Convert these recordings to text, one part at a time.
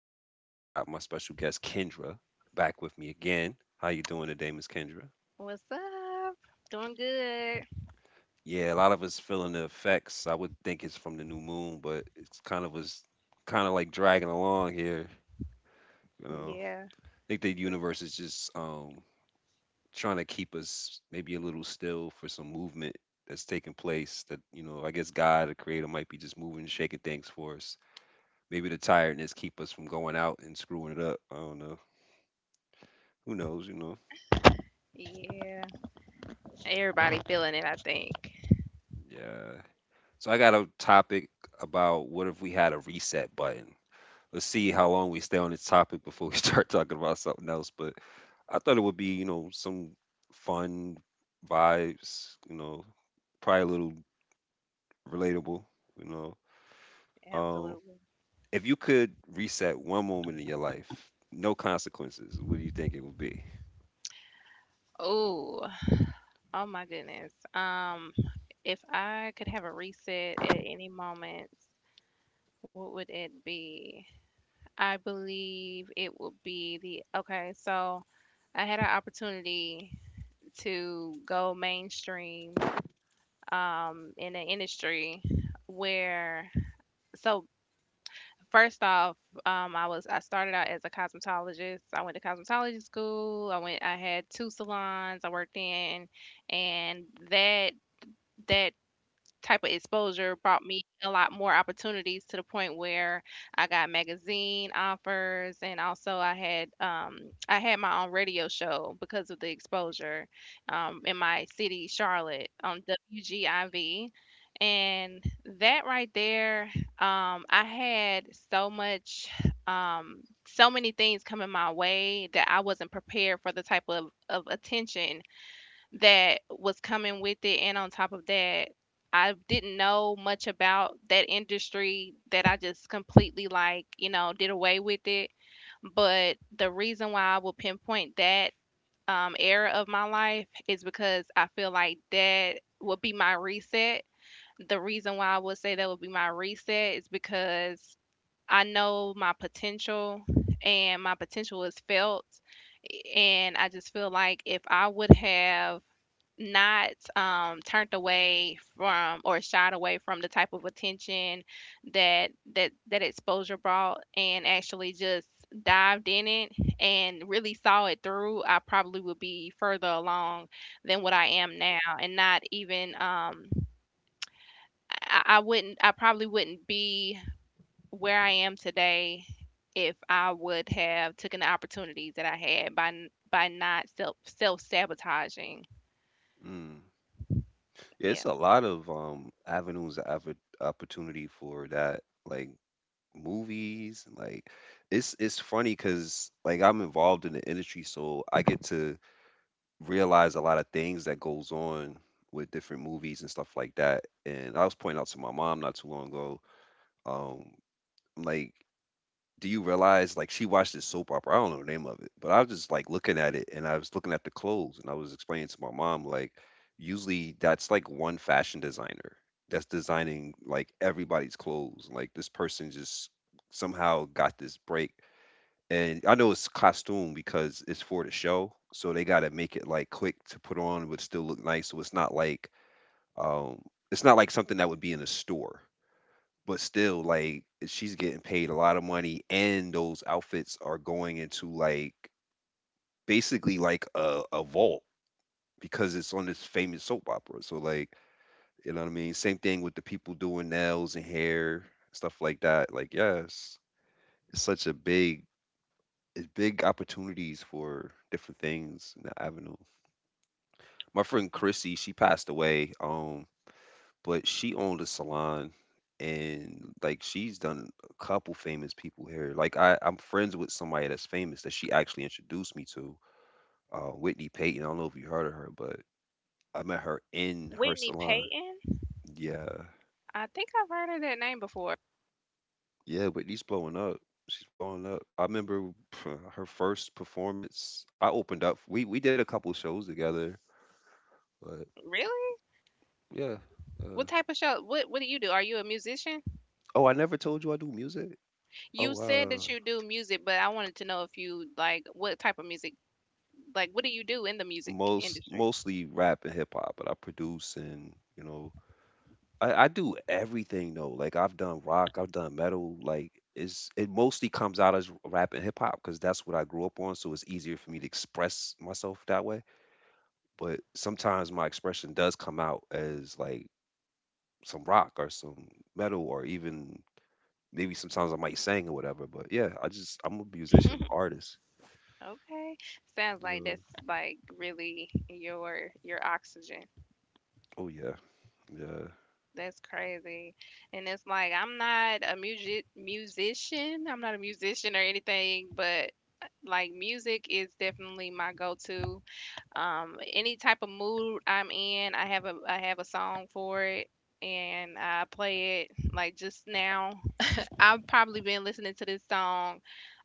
podcast. I got my special guest Kendra back with me again. How you doing today, Miss Kendra? What's up? Doing good. Yeah, a lot of us feeling the effects. I would think it's from the new moon, but it's kind of like dragging along here. You know, Yeah, I think the universe is just trying to keep us maybe a little still for some movement that's taking place. That, you know, I guess God, the Creator, might be just moving, shaking things for us. Maybe the tiredness keep us from going out and screwing it up. I don't know. Who knows? You know. yeah. Everybody feeling it, I think. Yeah. So I got a topic about what if we had a reset button. Let's see how long we stay on this topic before we start talking about something else. But I thought it would be, you know, some fun vibes, you know, probably a little relatable, you know. Um, Absolutely. if you could reset one moment in your life, no consequences, what do you think it would be? Oh, oh my goodness. If I could have a reset at any moment, what would it be? I believe it would be the okay, so I had an opportunity to go mainstream in an industry where so first off, I was I started out as a cosmetologist. I went to cosmetology school. I had 2 salons I worked in and that that type of exposure brought me a lot more opportunities to the point where I got magazine offers, and also I had my own radio show because of the exposure in my city, Charlotte, on WGIV. And that right there, I had so much, so many things coming my way that I wasn't prepared for the type of attention that was coming with it, and on top of that, I didn't know much about that industry that I just completely did away with it. But the reason why I will pinpoint that era of my life is because I feel like that would be my reset. The reason why I would say that would be my reset is because I know my potential, and my potential is felt. And I just feel like if I would have not turned away from or shied away from the type of attention that that exposure brought and actually just dived in it and really saw it through, I probably would be further along than what I am now. And not even I wouldn't I probably wouldn't be where I am today if I would have taken the opportunities that I had by by not self sabotaging. Mm. Yeah, Yeah. it's a lot of avenues of opportunity for that. Like movies and like it's funny because like I'm involved in the industry so I get to realize a lot of things that goes on with different movies and stuff like that, and I was pointing out to my mom not too long ago, um I'm like, do you realize, like, she watched this soap opera? I don't know the name of it, but I was just like looking at it and I was looking at the clothes and I was explaining to my mom like usually that's like one fashion designer that's designing like everybody's clothes. Like this person just somehow got this break. And I know it's costume because it's for the show, so they got to make it like quick to put on but still look nice. So um it's not like something that would be in a store. But still, like, she's getting paid a lot of money, and those outfits are going into like basically like a vault because it's on this famous soap opera. So like, you know what I mean? Same thing with the people doing nails and hair, stuff like that. Like, yes, it's such a big, it's big opportunities for different things in the avenue. My friend Chrissy, she passed away. But she owned a salon and like she's done a couple famous people here. Like I'm friends with somebody that's famous that she actually introduced me to, Whitney Payton. I don't know if you heard of her, but I met her in her Whitney salon. Payton. Yeah, I think I've heard of that name before. yeah, Whitney's blowing up. She's blowing up. I remember pff, her first performance. I opened up. We did a couple shows together, but Really? yeah. Uh, What type of show? What do you do? Are you a musician? oh, I never told you I do music. Oh, You said wow. that you do music, but I wanted to know if you like what type of music. Like, what do you do in the music most industry? mostly rap and hip hop, but I produce, and you know, I do everything though. Like I've done rock, I've done metal. Like it's it mostly comes out as rap and hip hop because that's what I grew up on. So it's easier for me to express myself that way. But sometimes my expression does come out as like some rock or some metal or even maybe sometimes I might sing or whatever. But yeah, I just I'm a musician, I'm an artist. Okay, sounds like Uh, that's like really your oxygen. oh yeah, yeah. That's crazy, and it's like I'm not a music musician. I'm not a musician or anything, but like music is definitely my go-to. Any type of mood I'm in, I have a song for it, and I play it. Like just now, I've probably been listening to this song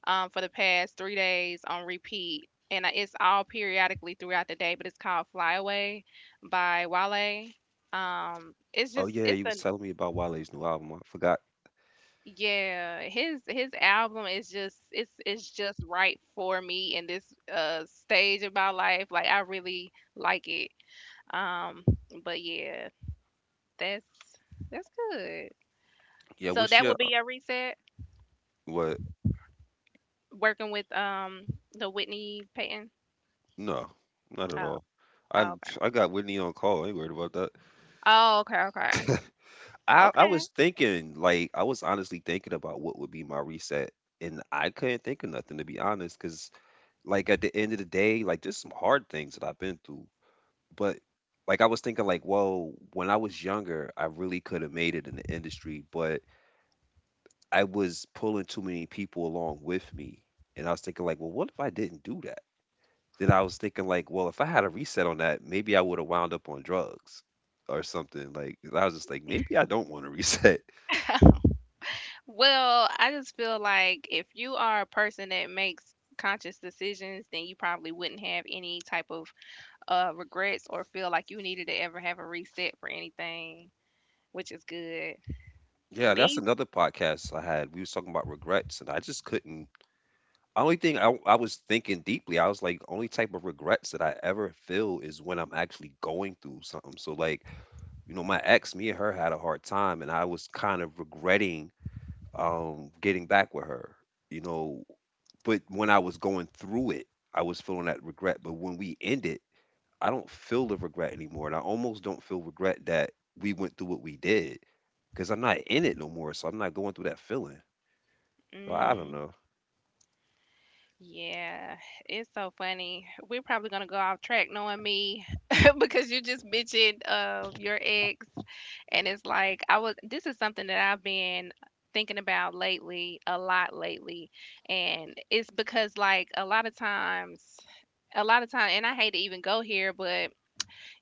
for the past 3 days on repeat, and it's all periodically throughout the day. But it's called "Fly Away" by Wale. It's Oh just yeah, it's you a was telling me about Wale's new album. I forgot. yeah, his album is just it's just right for me in this stage of my life. Like I really like it. Um, but yeah, that's that's good. Yeah, So what's that your would be a reset what? working with the Whitney Payton. No, not at Oh, all. oh, I'm, okay. I got Whitney on call. I ain't worried about that. Oh, okay, okay. I Okay. was thinking like, I was honestly thinking about what would be my reset, and I couldn't think of nothing, to be honest. Cause like at the end of the day, like there's some hard things that I've been through, but like I was thinking like, well, when I was younger, I really could have made it in the industry, but I was pulling too many people along with me, and I was thinking like, well, what if I didn't do that? Then I was thinking like, well, if I had a reset on that, maybe I would have wound up on drugs or something. Like I was just like, maybe I don't want to reset. Well, I just feel like if you are a person that makes conscious decisions, then you probably wouldn't have any type of regrets or feel like you needed to ever have a reset for anything, which is good. Yeah, that's Me? another podcast I had. We was talking about regrets, and I just couldn't. Only thing, I was thinking deeply, I was like, only type of regrets that I ever feel is when I'm actually going through something. So like, you know, my ex, me and her had a hard time, and I was kind of regretting, getting back with her, you know. But when I was going through it, I was feeling that regret. But when we ended, I don't feel the regret anymore, and I almost don't feel regret that we went through what we did because I'm not in it no more, so I'm not going through that feeling. So I don't Mm. know. Yeah, it's so funny. We're probably gonna go off track knowing me because you just mentioned your ex, and it's like I was. This is something that I've been thinking about lately, a lot lately, and it's because like a lot of time, and I hate to even go here, but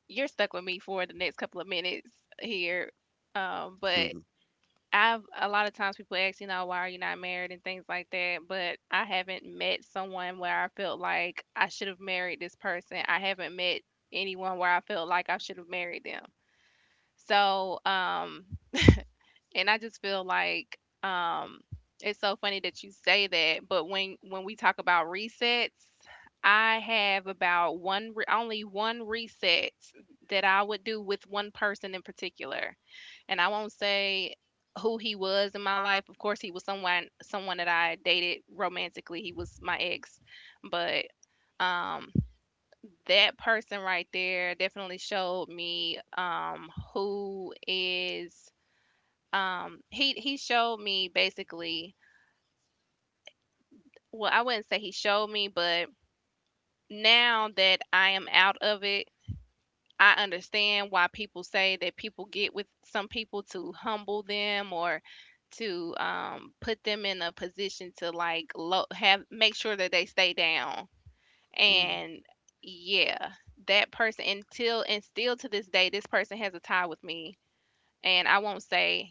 you're stuck with me for the next couple of minutes here. But I've a lot of times people ask, you know, why are you not married and things like that, but I haven't met someone where I felt like I should have married this person. I haven't met anyone where I felt like I should have married them. So, and I just feel like um it's so funny that you say that, but when we talk about resets, I have about only one reset that I would do with one person in particular, and I won't say who he was in my life. Of course, he was someone that I dated romantically. He was my ex, but um, that person right there definitely showed me who is he. He showed me basically. Well, I wouldn't say he showed me, but now that I am out of it, I understand why people say that people get with some people to humble them or to put them in a position to like low, have make sure that they stay down. Mm. And yeah, that person until and still to this day, this person has a tie with me, and I won't say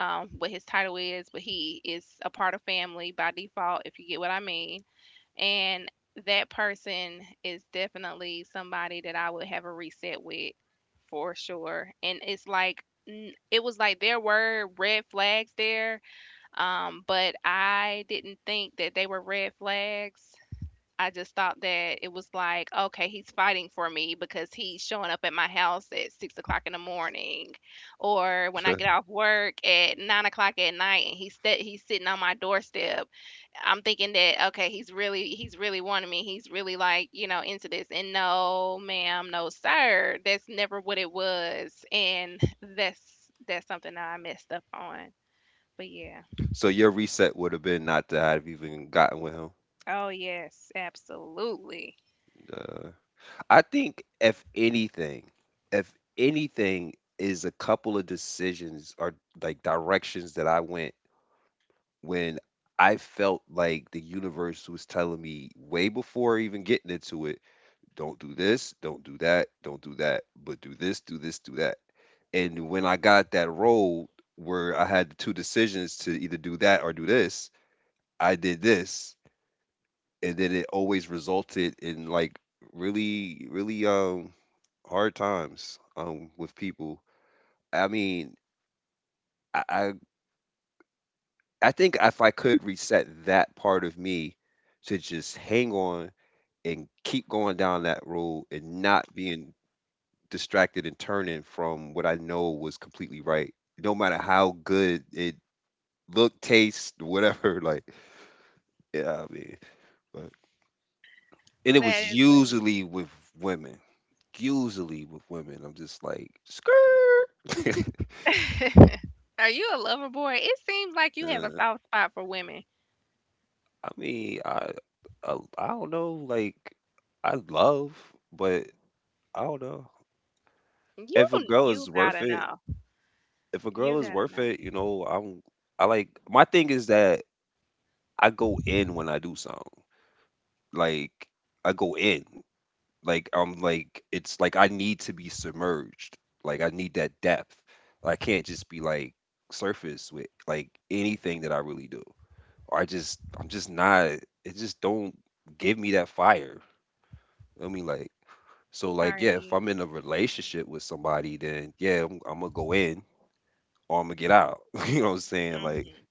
what his title is, but he is a part of family by default, if you get what I mean. And that person is definitely somebody that I would have a reset with for sure. And it's like it was like there were red flags there, but I didn't think that they were red flags. I just thought that it was like, okay, he's fighting for me because he's showing up at my house at 6 o'clock in the morning, or when I get off work at 9 o'clock at night, and he's sitting on my doorstep. I'm thinking that okay, he's really wanting me. He's really like, you know, into this. And no, ma'am, no, sir. That's never what it was. And that's that's something that I messed up on. But yeah. So your reset would have been not to have even gotten with him. Oh yes, absolutely. Uh, I think if anything is a couple of decisions or like directions that I went when I felt like the universe was telling me way before even getting into it, don't do this, don't do that, but do this, do this, do that. And when I got that role where I had two decisions to either do that or do this, I did this, and then it always resulted in like really, really hard times with people. I mean, I I, I think if I could reset that part of me to just hang on and keep going down that road and not being distracted and turning from what I know was completely right, no matter how good it looked, taste, whatever. Like, yeah, I mean, but, and it That was is what is. usually with women, usually with women. I'm just like, skirt. Are you a lover boy? It seems like you have a uh, soft spot for women. I mean, I don't know. Like, I love, but I don't know You if a girl is you worth gotta it. know. If a girl You is gotta worth know. it, you know, I'm, I like my thing is that I go in when I do something. Like I go in. Like I'm like it's like I need to be submerged. Like I need that depth. I can't just be like surface with like anything that I really do. Or I just I'm just not, it just don't give me that fire. I mean, like, so like Are yeah, if you? I'm in a relationship with somebody then yeah, I'm gonna go in or I'm gonna get out. You know what I'm saying? Like Hmm.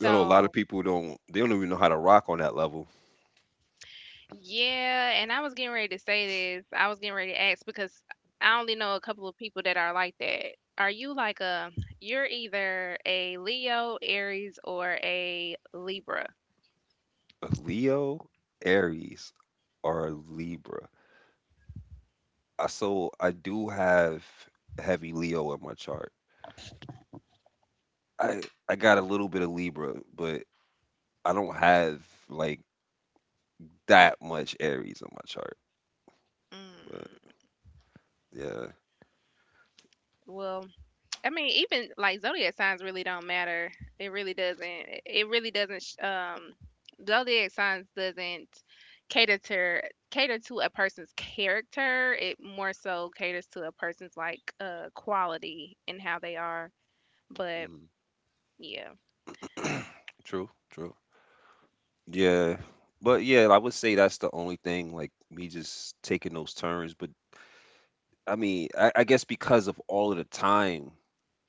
I know a lot of So people don't, they don't even know how to rock on that level. yeah, and I was getting ready to say this. I was getting ready to ask because I only know a couple of people that are like that. Are you like you're either a Leo, Aries, or a Libra? Leo, Aries, or Libra. I, so I do have heavy Leo in my chart. I I got a little bit of Libra, but I don't have like that much Aries on my chart. But Mm, yeah. well, I mean, even like zodiac signs really don't matter. It really doesn't. It really doesn't. Zodiac signs doesn't cater to cater to a person's character. It more so caters to a person's like quality and how they are. But yeah, Mm. True, true. Yeah. But yeah, I would say that's the only thing, like me just taking those turns. But I mean, I guess because of all of the time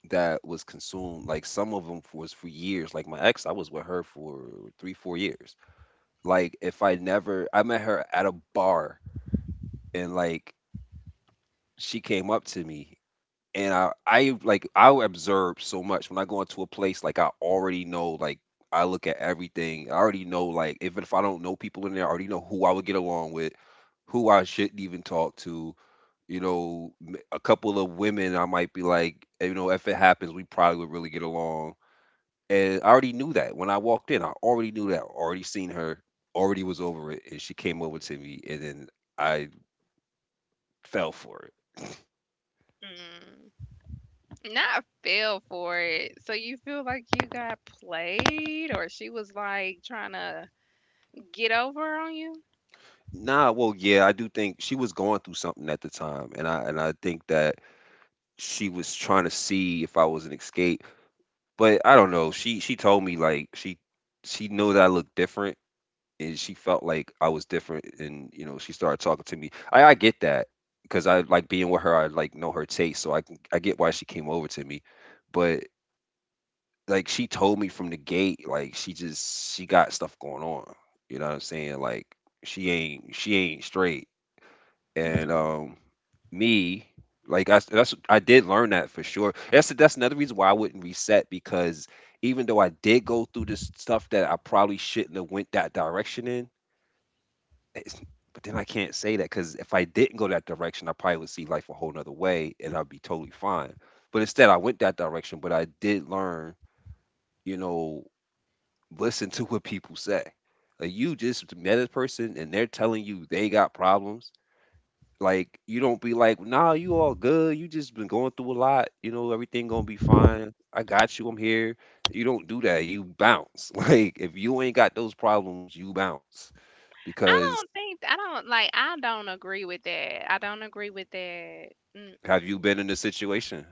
that was consumed, like some of them was for years. Like my ex, I was with her for 3-4 years. Like if I never, I met her at a bar, and like she came up to me, and I like, I observe so much when I go into a place, like I already know, like I look at everything, I already know, like even if I don't know people in there, I already know who I would get along with, who I shouldn't even talk to. You know, a couple of women, I might be like, you know, if it happens we probably would really get along. And I already knew that when I walked in. I already knew that. Already seen her. Already was over it. And she came over to me, and then I fell for it. mm. not I feel for it. So you feel like you got played, or she was like trying to get over on you? Nah, well, yeah, I do think she was going through something at the time, and I think that she was trying to see if I was an escape. But I don't know. She told me, like, she knew that I looked different, and she felt like I was different, and you know she started talking to me. I get that because I like being with her. I like know her taste, so I can, I get why she came over to me, but like she told me from the gate, like she just she got stuff going on. You know what I'm saying? Like she ain't straight. And Hmm. Me, like I, that's, I did learn that for sure. That's another reason why I wouldn't reset because even though I did go through this stuff that I probably shouldn't have went that direction in, it's, but then I can't say that because if I didn't go that direction, I probably would see life a whole nother way and I'd be totally fine. But instead, I went that direction. But I did learn you know listen to what people say. Like you just met a person and they're telling you they got problems. Like you don't be like, nah, you all good. You just been going through a lot. You know, everything gonna be I fine. I got you. I'm here. You don't do that. You bounce. Like if you ain't got those problems, you bounce. Because I don't like I don't agree with that. I don't agree with that. have Mm-mm. you been in a situation?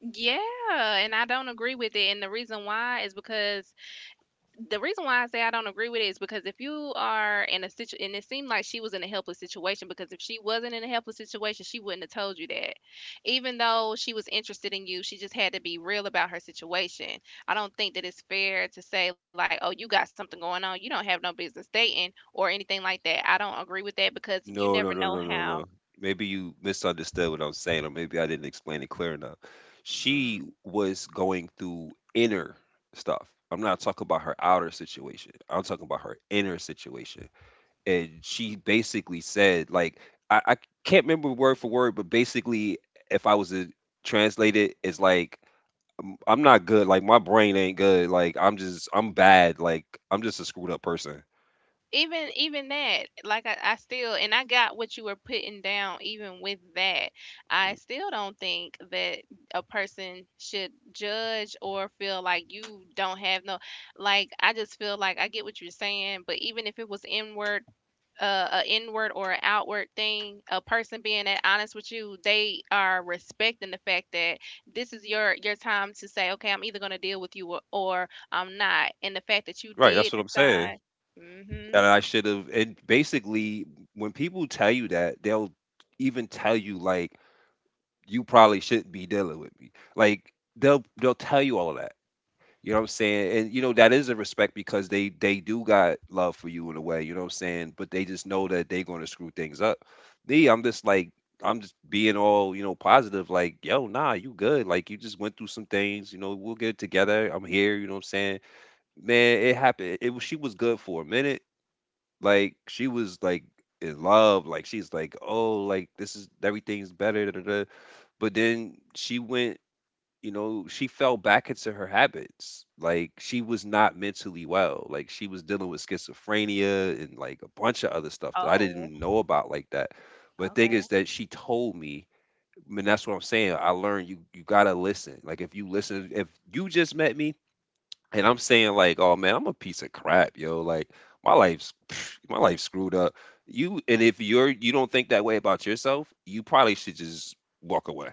Yeah, and I don't agree with it. And the reason why is because the reason why I say I don't agree with it is because if you are in a situation, and it seemed like she was in a helpless situation, because if she wasn't in a helpless situation, she wouldn't have told you that. Even though she was interested in you, she just had to be real about her situation. I don't think that it's fair to say, like, oh, you got something going on. You don't have no business dating or anything like that. I don't agree with that because you never No, no, know no, no, no, how. no. Maybe you misunderstood what I was saying, or maybe I didn't explain it clear enough. She Mhm. was going through inner stuff. I'm not talking about her outer situation. I'm talking about her inner situation. And she basically said, like, I can't remember word for word, but basically, if I was to translate it, it's like, I'm not good. Like, my brain ain't good. Like, I'm bad. Like, I'm just a screwed up person. Even that like I still, and I got what you were putting down. Even with that, I Mm. still don't think that a person should judge or feel like you don't have no like I just feel like I get what you're saying, but even if it was inward, a inward or an outward thing, a person being that honest with you, they are respecting the fact that this is your time to say okay, I'm either going to deal with you or I'm not, and the fact that you Right. That's did what I'm saying. decide. Mhm. And I should have. And basically, when people tell you that, they'll even tell you like you probably shouldn't be dealing with me. Like they'll tell you all of that. You know what I'm saying? And you know that is a respect because they do got love for you in a way. You know what I'm saying? But they just know that they're going to screw things up. Me, I'm just like I'm just being all positive. Like yo, nah, you good? Like you just went through some things. You know, we'll get it together. I'm here. You know what I'm saying? Man, it happened. It was she was good for a minute like she was like in love, like she's like, oh, like this is everything's better. Da, da, da. But then she went, you know, she fell back into her habits. Like she was not mentally well. Like she was dealing with schizophrenia and like a bunch of other stuff that I didn't Oh, even know about like that. But the thing is okay. that she told me, and that's what I'm saying. I learned you gotta listen. Like if you listen, if you just met me and I'm saying like, "Oh man, I'm a piece of crap, yo. Like my life's pff, my life's screwed up." You and if you don't think that way about yourself, you probably should just walk away.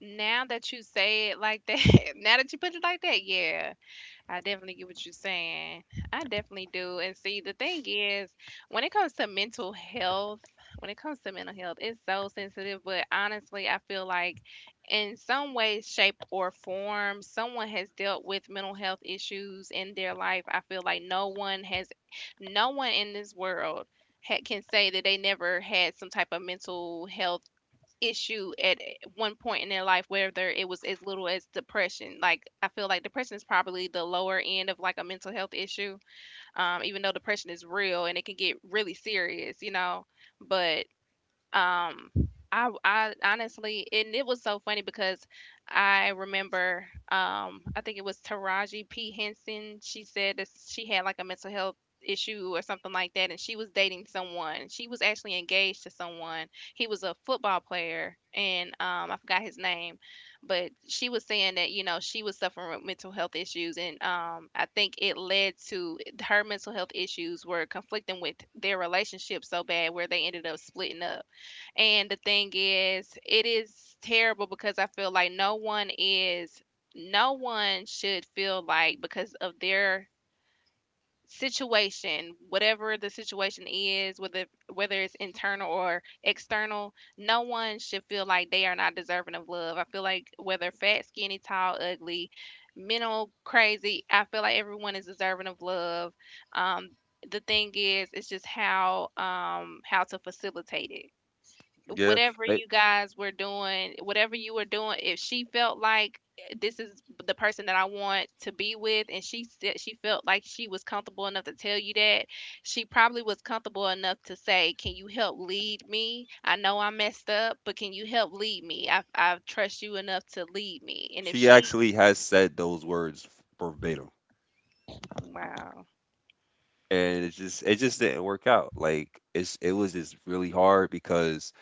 Now that you say it like that, now that you put it like that, yeah, I definitely get what you're saying. I definitely do. And see, the thing is, when it comes to mental health, when it comes to mental health, it's so sensitive. But honestly, I feel like in some way, shape, or form, someone has dealt with mental health issues in their life. I feel like no one has, no one in this world can say that they never had some type of mental health issue at one point in their life, whether it was as little as depression. Like I feel like depression is probably the lower end of like a mental health issue. Even though depression is real and it can get really serious, you know. But um I honestly, and it was so funny because I remember, I think it was Taraji P Henson. She said that she had like a mental health issue or something like that, and she was dating someone. She was actually engaged to someone. He was a football player, and I forgot his name, but she was saying that, you know, she was suffering with mental health issues, and I think it led to, her mental health issues were conflicting with their relationship so bad where they ended up splitting up. And the thing is, it is terrible because I feel like no one is, no one should feel like, because of their situation, whatever the situation is, whether whether it's internal or external, no one should feel like they are not deserving of love. I feel like whether fat, skinny, tall, ugly, mental, crazy, I feel like everyone is deserving of love. Um, the thing is, it's just how, how to facilitate it. Yeah. Whatever Like, you guys were doing, whatever you were doing, if she felt like, eh, this is the person that I want to be with, and she said she felt like she was comfortable enough to tell you that, she probably was comfortable enough to say, "Can you help lead me? I know I messed up, but can you help lead me? I trust you enough to lead me." And if she she, actually has said those words verbatim. wow. And it just didn't work out. Like it was just really hard because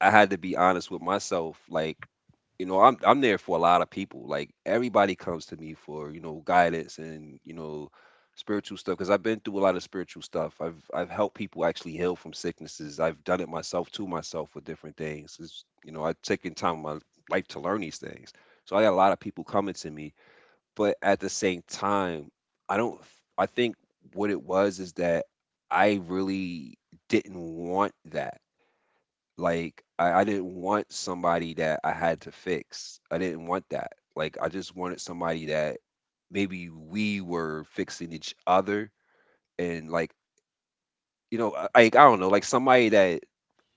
I had to be honest with myself. Like you know I'm there for a lot of people, like everybody comes to me for you know guidance and you know spiritual stuff because I've been through a lot of spiritual stuff. I've helped people actually heal from sicknesses. I've done it myself, to myself, with different things. You know, I've taken time in my life to learn these things, so I got a lot of people coming to me. But at the same time, I don't I think what it was is that I really didn't want that. Like, I didn't want somebody that I had to fix. I didn't want that. Like, I just wanted somebody that maybe we were fixing each other. And like, you know, like I don't know, like somebody that,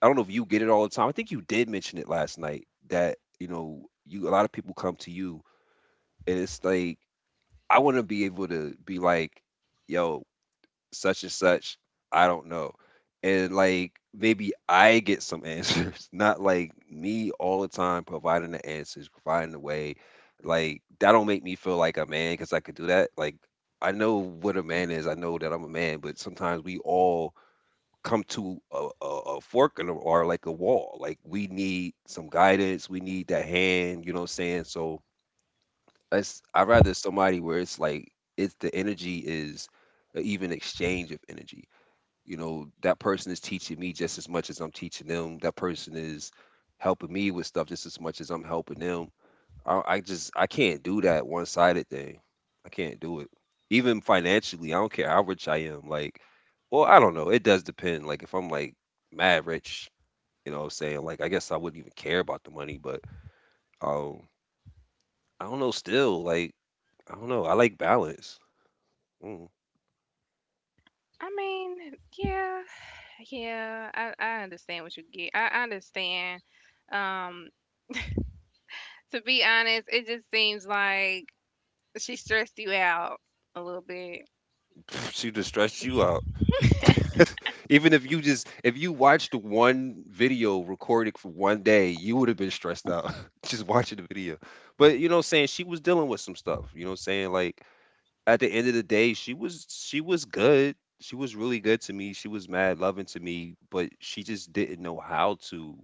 I don't know if you get it all the time. I think you did mention it last night that, you know, you a lot of people come to you, and it's like I want to be able to be like, yo, such and such. I don't know. And like maybe I get some answers, not like me all the time providing the answers, providing the way. Like that don't make me feel like a man because I could do that. Like I know what a man is. I know that I'm a man, but sometimes we all come to a fork in the, or like a wall. Like we need some guidance. We need that hand. You know what I'm saying? So that's, I rather somebody where it's like it's the energy is a even exchange of energy. You know, that person is teaching me just as much as I'm teaching them. That person is helping me with stuff just as much as I'm helping them. I just I can't do that one-sided thing. I can't do it. Even financially, I don't care how rich I am. Like, well, I don't know, it does depend. Like if I'm like mad rich, you know what I'm saying, like I guess I wouldn't even care about the money. But um, I don't know, still, like I don't know, I like balance. Mm. I mean, yeah, yeah, I understand what you get. I understand. Um, to be honest, it just seems like she stressed you out a little bit. She just stress you out. Even if you just if you watched one video recorded for one day, you would have been stressed out just watching the video. But you know what I'm saying, she was dealing with some stuff, you know what I'm saying? Like at the end of the day, she was good. She was really good to me. She was mad loving to me, but she just didn't know how to,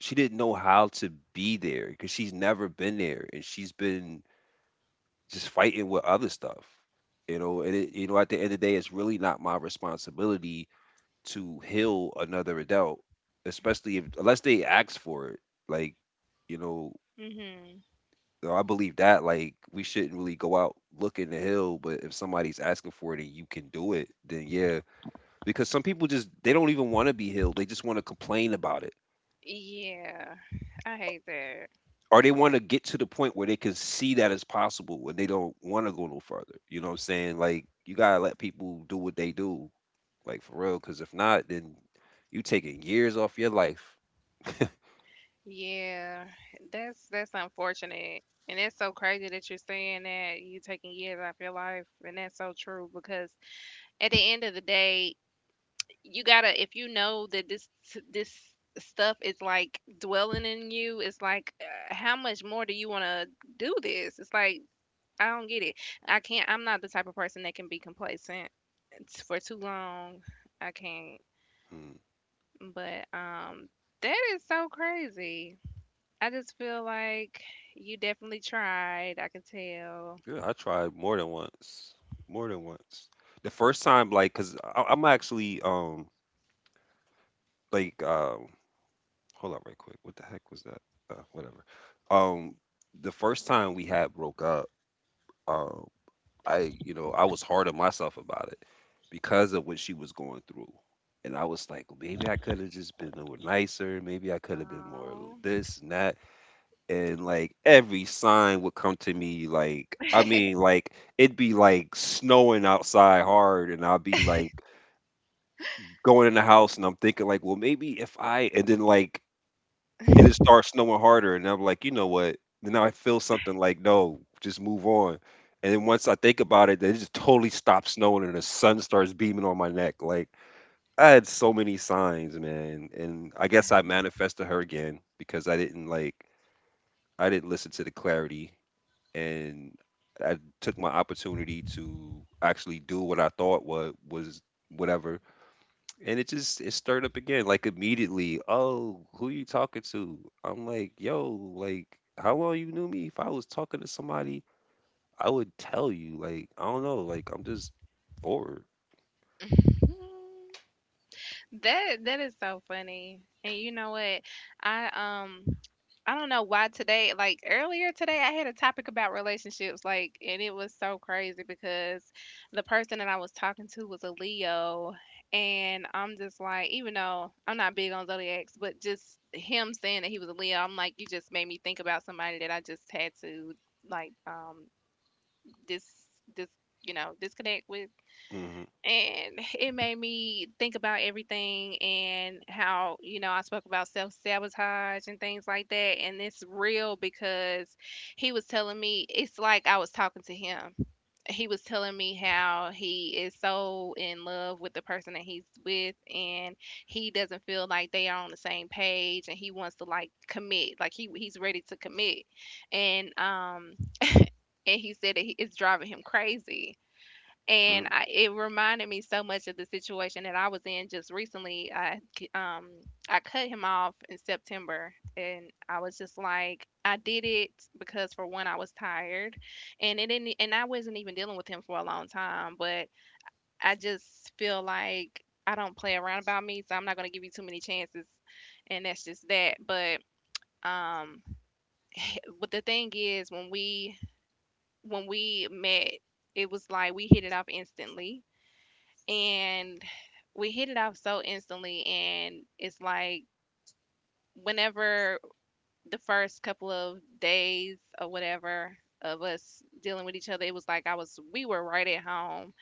she didn't know how to be there because she's never been there, and she's been just fighting with other stuff. You know, and you know, at the end of the day, it's really not my responsibility to heal another adult, especially if unless they ask for it. Like, you know, Mhm. I believe that like we shouldn't really go out looking to heal, but if somebody's asking for it and you can do it, then yeah. Because some people just they don't even want to be healed. They just want to complain about it. Yeah, I hate that. Or they want to get to the point where they can see that it's possible and they don't want to go no further. You know what I'm saying? Like you gotta let people do what they do, like for real. Because if not, then you taking years off your life. Yeah, that's unfortunate, and it's so crazy that you're saying that you taking years off your life, and that's so true because at the end of the day, you gotta, if you know that this stuff is like dwelling in you, it's like, how much more do you want to do this? It's like I don't get it. I can't. I'm not the type of person that can be complacent it's for too long. I can't. Hmm. But that is so crazy. I just feel like you definitely tried. I can tell. Yeah, I tried more than once. More than once. The first time, like, cause I'm actually like hold on right quick. What the heck was that? Whatever. Um, the first time we had broke up, um, I you know I was hard on myself about it because of what she was going through, and I was like, maybe I could have just been a little nicer. Maybe I could have been more No. this and that. And like every sign would come to me, like I mean, like it'd be like snowing outside hard and I'll be like going in the house and I'm thinking like, well maybe if I, and then like it starts snowing harder and I'm like, you know what, then I feel something like no, just move on. And then once I think about it, then it just totally stops snowing and the sun starts beaming on my neck. Like I had so many signs, man, and I guess I manifested her again because I didn't listen to the clarity. And I took my opportunity to actually do what I thought was whatever, and it stirred up again like immediately. Oh, who you talking to? I'm like, yo, like how long you knew me? If I was talking to somebody, I would tell you. Like I don't know, like I'm just forward. That that is so funny. And you know what? I, I don't know why today, like earlier today, I had a topic about relationships, like, and it was so crazy because the person that I was talking to was a Leo. And I'm just like, even though I'm not big on zodiacs, but just him saying that he was a Leo, I'm like, you just made me think about somebody that I just had to, like, dis, dis, you know, disconnect with. Hmm. And it made me think about everything, and how, you know, I spoke about self sabotage and things like that, and it's real because he was telling me, it's like I was talking to him. He was telling me how he is so in love with the person that he's with, and he doesn't feel like they are on the same page, and he wants to like commit, like he's ready to commit, and um and he said that he, it's driving him crazy. And I, it reminded me so much of the situation that I was in just recently. I I cut him off in September, and I was just like, I did it because for one, I was tired, and it didn't, and I wasn't even dealing with him for a long time, but I just feel like I don't play around about me, so I'm not gonna give you too many chances, and that's just that. Um, but the thing is, when we met, it was like we hit it off instantly, and we hit it off so instantly, and it's like, whenever, the first couple of days or whatever of us dealing with each other, it was like I was we were right at home.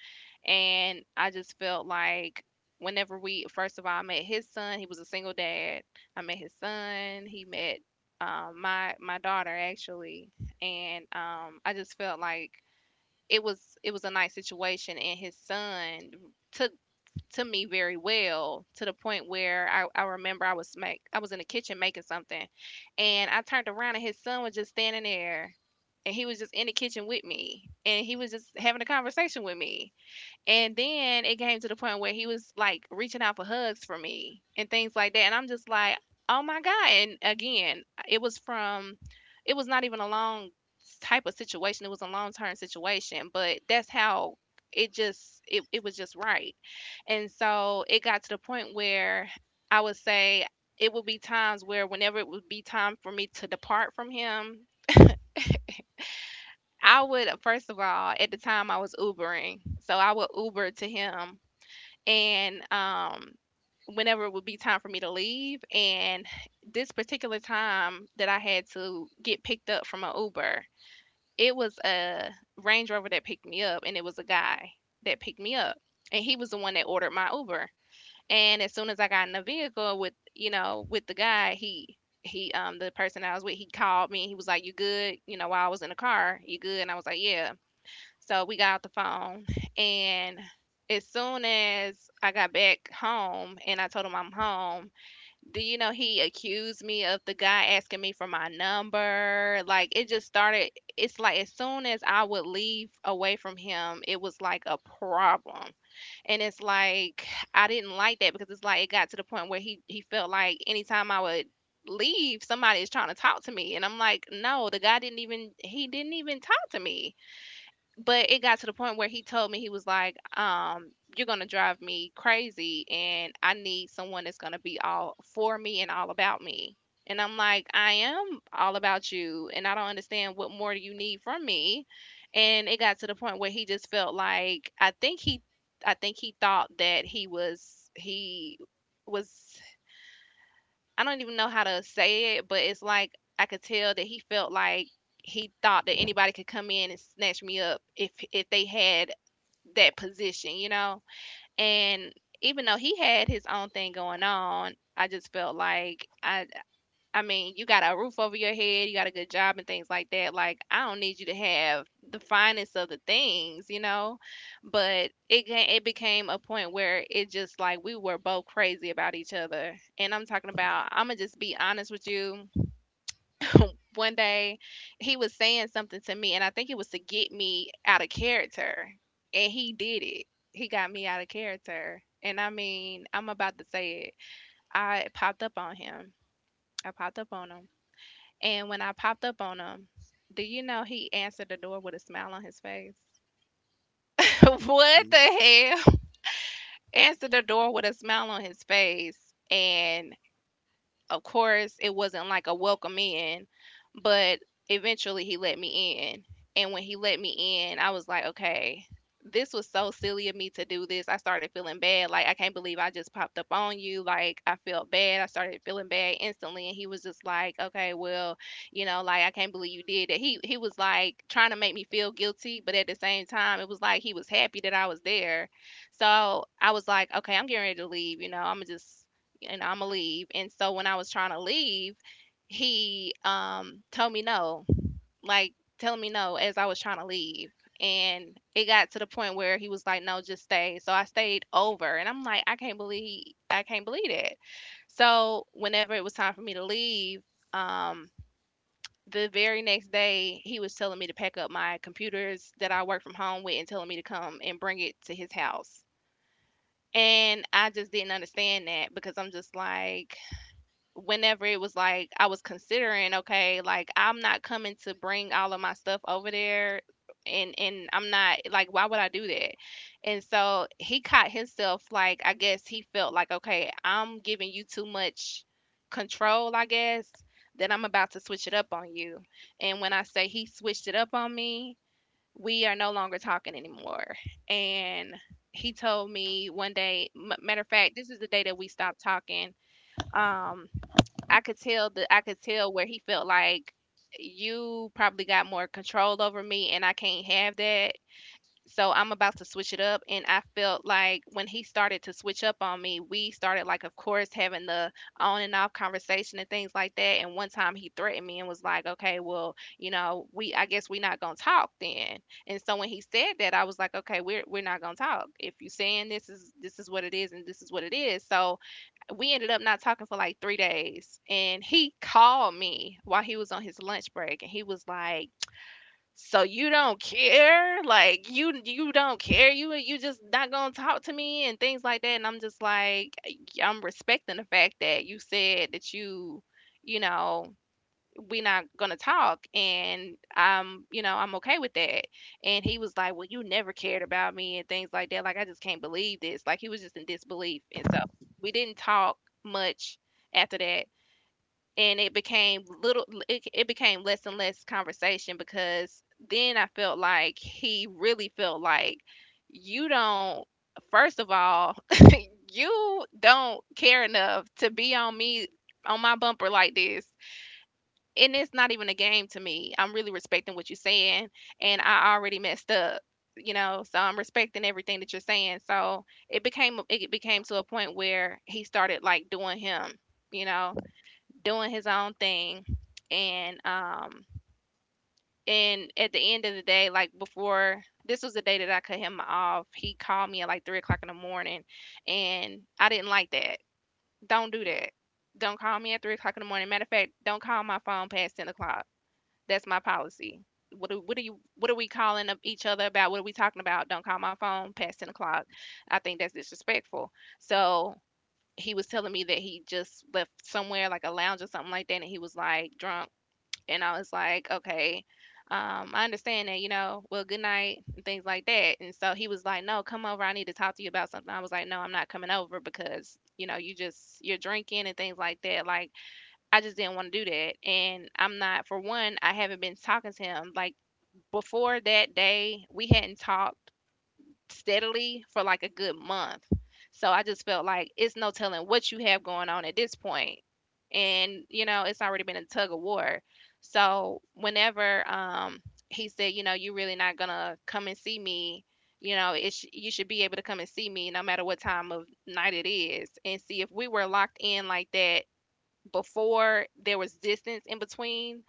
And I just felt like, whenever we, first of all, I met his son. He was a single dad. I met his son. He met, my daughter, actually. And I just felt like it was, it was a nice situation. And his son took to me very well, to the point where I remember I was make I was in the kitchen making something, and I turned around, and his son was just standing there. And he was just in the kitchen with me, and he was just having a conversation with me. And then it came to the point where he was like reaching out for hugs for me and things like that. And I'm just like, oh my God. And again, it was from, it was not even a long type of situation. It was a long term situation, but that's how it just, it was just right. And so it got to the point where I would say it would be times where, whenever it would be time for me to depart from him, I would, first of all, at the time I was Ubering. So I would Uber to him. And whenever it would be time for me to leave, and this particular time that I had to get picked up from an Uber, it was a Range Rover that picked me up, and it was a guy that picked me up, and he was the one that ordered my Uber. And as soon as I got in the vehicle with, you know, with the guy, he, the person I was with, he called me. He was like, you good, you know, while I was in the car, you good? And I was like, yeah. So we got off the phone, and as soon as I got back home and I told him I'm home, do you know he accused me of the guy asking me for my number? Like it just started. It's like as soon as I would leave away from him, it was like a problem. And it's like I didn't like that because it's like it got to the point where he felt like anytime I would leave, somebody is trying to talk to me. And I'm like, no, the guy didn't even, he didn't even talk to me. But it got to the point where he told me. He was like, you're gonna drive me crazy, and I need someone that's gonna be all for me and all about me. And I'm like, I am all about you, and I don't understand, what more do you need from me? And it got to the point where he just felt like, I think he thought that he was, I don't even know how to say it, but it's like I could tell that he felt like he thought that anybody could come in and snatch me up if they had that position, you know? And even though he had his own thing going on, I just felt like I mean, you got a roof over your head, you got a good job and things like that. Like, I don't need you to have the finest of the things, you know? But it became a point where it just like we were both crazy about each other. And I'm talking about, I'm going to just be honest with you. One day, he was saying something to me, and I think it was to get me out of character. And he did it. He got me out of character. And I mean, I'm about to say it. I popped up on him. I popped up on him, and when I popped up on him, do you know he answered the door with a smile on his face? What the hell? Answered the door with a smile on his face. And of course, it wasn't like a welcome in, but eventually he let me in. And when he let me in, I was like, okay, this was so silly of me to do this. I started feeling bad. Like, I can't believe I just popped up on you. Like, I felt bad. I started feeling bad instantly. And he was just like, okay, well, you know, like, I can't believe you did that. He was like trying to make me feel guilty, but at the same time, it was like he was happy that I was there. So I was like, okay, I'm getting ready to leave. You know, I'm going to just, and I'ma leave. And so when I was trying to leave, he told me no, like telling me no as I was trying to leave. And it got to the point where he was like, "No, just stay." So I stayed over, and I'm like, I can't believe it." So whenever it was time for me to leave, um, the very next day he was telling me to pack up my computers that I work from home with, and telling me to come and bring it to his house. And I just didn't understand that because I'm just like, whenever it was like I was considering, okay, like I'm not coming to bring all of my stuff over there and I'm not like why would I do that? And so he caught himself like I guess he felt like okay, I'm giving you too much control, I guess, that I'm about to switch it up on you. And when I say he switched it up on me, we are no longer talking anymore. And he told me one day, matter of fact, this is the day that we stopped talking um I could tell where he felt like you probably got more control over me and I can't have that. So I'm about to switch it up. And I felt like when he started to switch up on me, we started like of course having the on and off conversation and things like that. And one time he threatened me and was like, "Okay, well, you know, we I guess we're not gonna talk then." And so when he said that, I was like, "Okay, we're not gonna talk. If you're saying this is what it is and this is what it is." So we ended up not talking for like 3 days. And he called me while he was on his lunch break, and he was like, "So you don't care? Like you don't care? You just not gonna talk to me and things like that?" And I'm just like, "Yeah, I'm respecting the fact that you said that you know, we're not gonna talk, and I'm, I'm okay with that." And he was like, "Well, you never cared about me and things like that." Like I just can't believe this, like he was just in disbelief. And so we didn't talk much after that. And it became little it became less and less conversation because then I felt like he really felt like you don't first of all, you don't care enough to be on me, on my bumper like this. And it's not even a game to me. I'm really respecting what you're saying, and I already messed up, you know. So I'm respecting everything that you're saying. So it became, to a point where he started like doing him, you know, doing his own thing, and and at the end of the day, like before this was the day that I cut him off. He called me at like 3 o'clock in the morning, and I didn't like that. Don't do that. Don't call me at 3 o'clock in the morning. Matter of fact, don't call my phone past 10 o'clock. That's my policy. What do you, what are we calling up each other about? What are we talking about? Don't call my phone past 10 o'clock. I think that's disrespectful. So he was telling me that he just left somewhere like a lounge or something like that, and he was like drunk, and I was like, "Okay, I understand that, you know. Well, good night" and things like that. And so he was like, "No, come over. I need to talk to you about something." I was like, "No, I'm not coming over because you know you're drinking and things like that." Like I just didn't want to do that. And I'm not, for one, I haven't been talking to him. Like before that day, we hadn't talked steadily for like a good month. So I just felt like it's no telling what you have going on at this point. And, you know, it's already been a tug of war. So whenever he said, "You know, you're really not going to come and see me, you know, you should be able to come and see me no matter what time of night it is." And see if we were locked in like that before there was distance in between,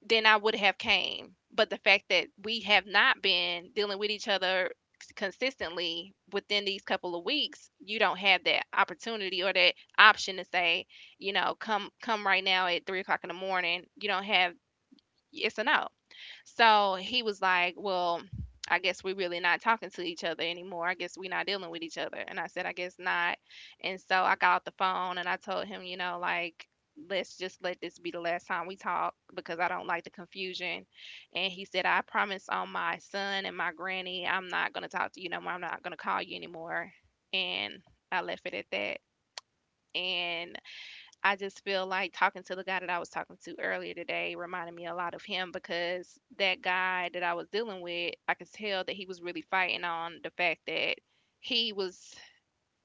then I would have came. But the fact that we have not been dealing with each other consistently within these couple of weeks, you don't have that opportunity or that option to say, you know, come right now at 3 o'clock in the morning. You don't have . It's a no. So he was like, "Well, I guess we're really not talking to each other anymore. I guess we're not dealing with each other." And I said, "I guess not." And so I got off the phone and I told him, you know, like, "Let's just let this be the last time we talk because I don't like the confusion." And he said, "I promise on my son and my granny, I'm not going to talk to you no more. I'm not going to call you anymore." And I left it at that. And I just feel like talking to the guy that I was talking to earlier today reminded me a lot of him because that guy that I was dealing with, I could tell that he was really fighting on the fact that he was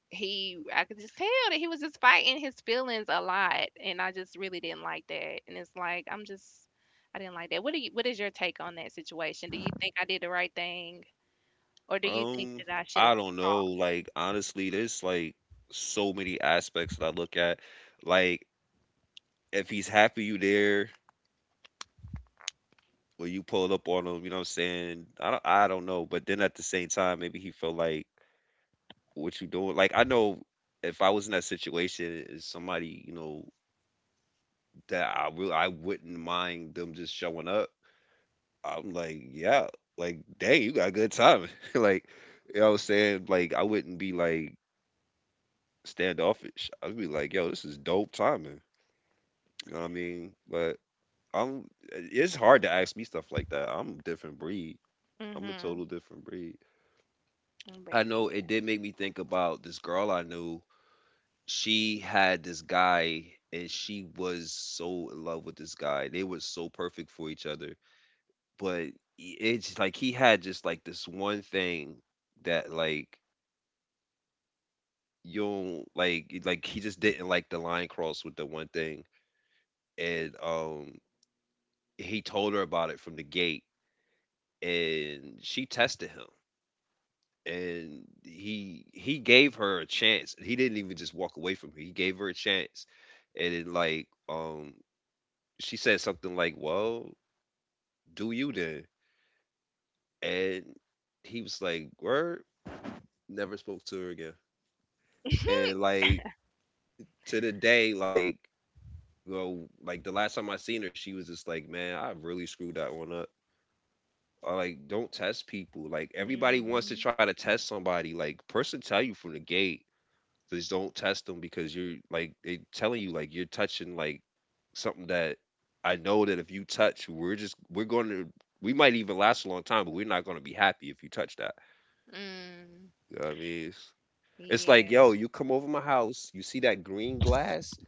he I could just tell that he was just fighting his feelings a lot and I just really didn't like that. And it's like I'm just I didn't like that. What is your take on that situation? Do you think I did the right thing or do you think Um, that I should have I don't know. fought? Like honestly, there's like so many aspects that I look at. Like if he's happy you there, where you pulled up on him, you know what I'm saying? I don't know, but then at the same time, maybe he felt like what you doing. Like I know if I was in that situation, is somebody you know that I really, I wouldn't mind them just showing up. I'm like, yeah, like dang, you got good timing. Like you know what I'm saying? Like I wouldn't be like standoffish. I'd be like, yo, this is dope timing. You know what I mean? But I'm. It's hard to ask me stuff like that. I'm a different breed. I'm a Mhm. total different breed. But I know it yeah. did make me think about this girl I knew. She had this guy and she was so in love with this guy. They were so perfect for each other. But it's like he had just like this one thing that like you don't like he just didn't like the line cross with the one thing. And he told her about it from the gate and she tested him. And he gave her a chance. He didn't even just walk away from her. He gave her a chance, and then she said something like, "Well, do you then?" And he was like, "Word." Never spoke to her again. And like, to the day, like, like the last time I seen her, she was just like, "Man, I really screwed that one up." Or like, don't test people. Like everybody wants to Mhm. try to test somebody. Like person tell you from the gate. Just don't test them because you're like they telling you like you're touching like something that I know that if you touch, we're going to, we might even last a long time, but we're not going to be happy if you touch that. Mm. You know what I mean? It's like, Yeah. yo, you come over my house, you see that green glass,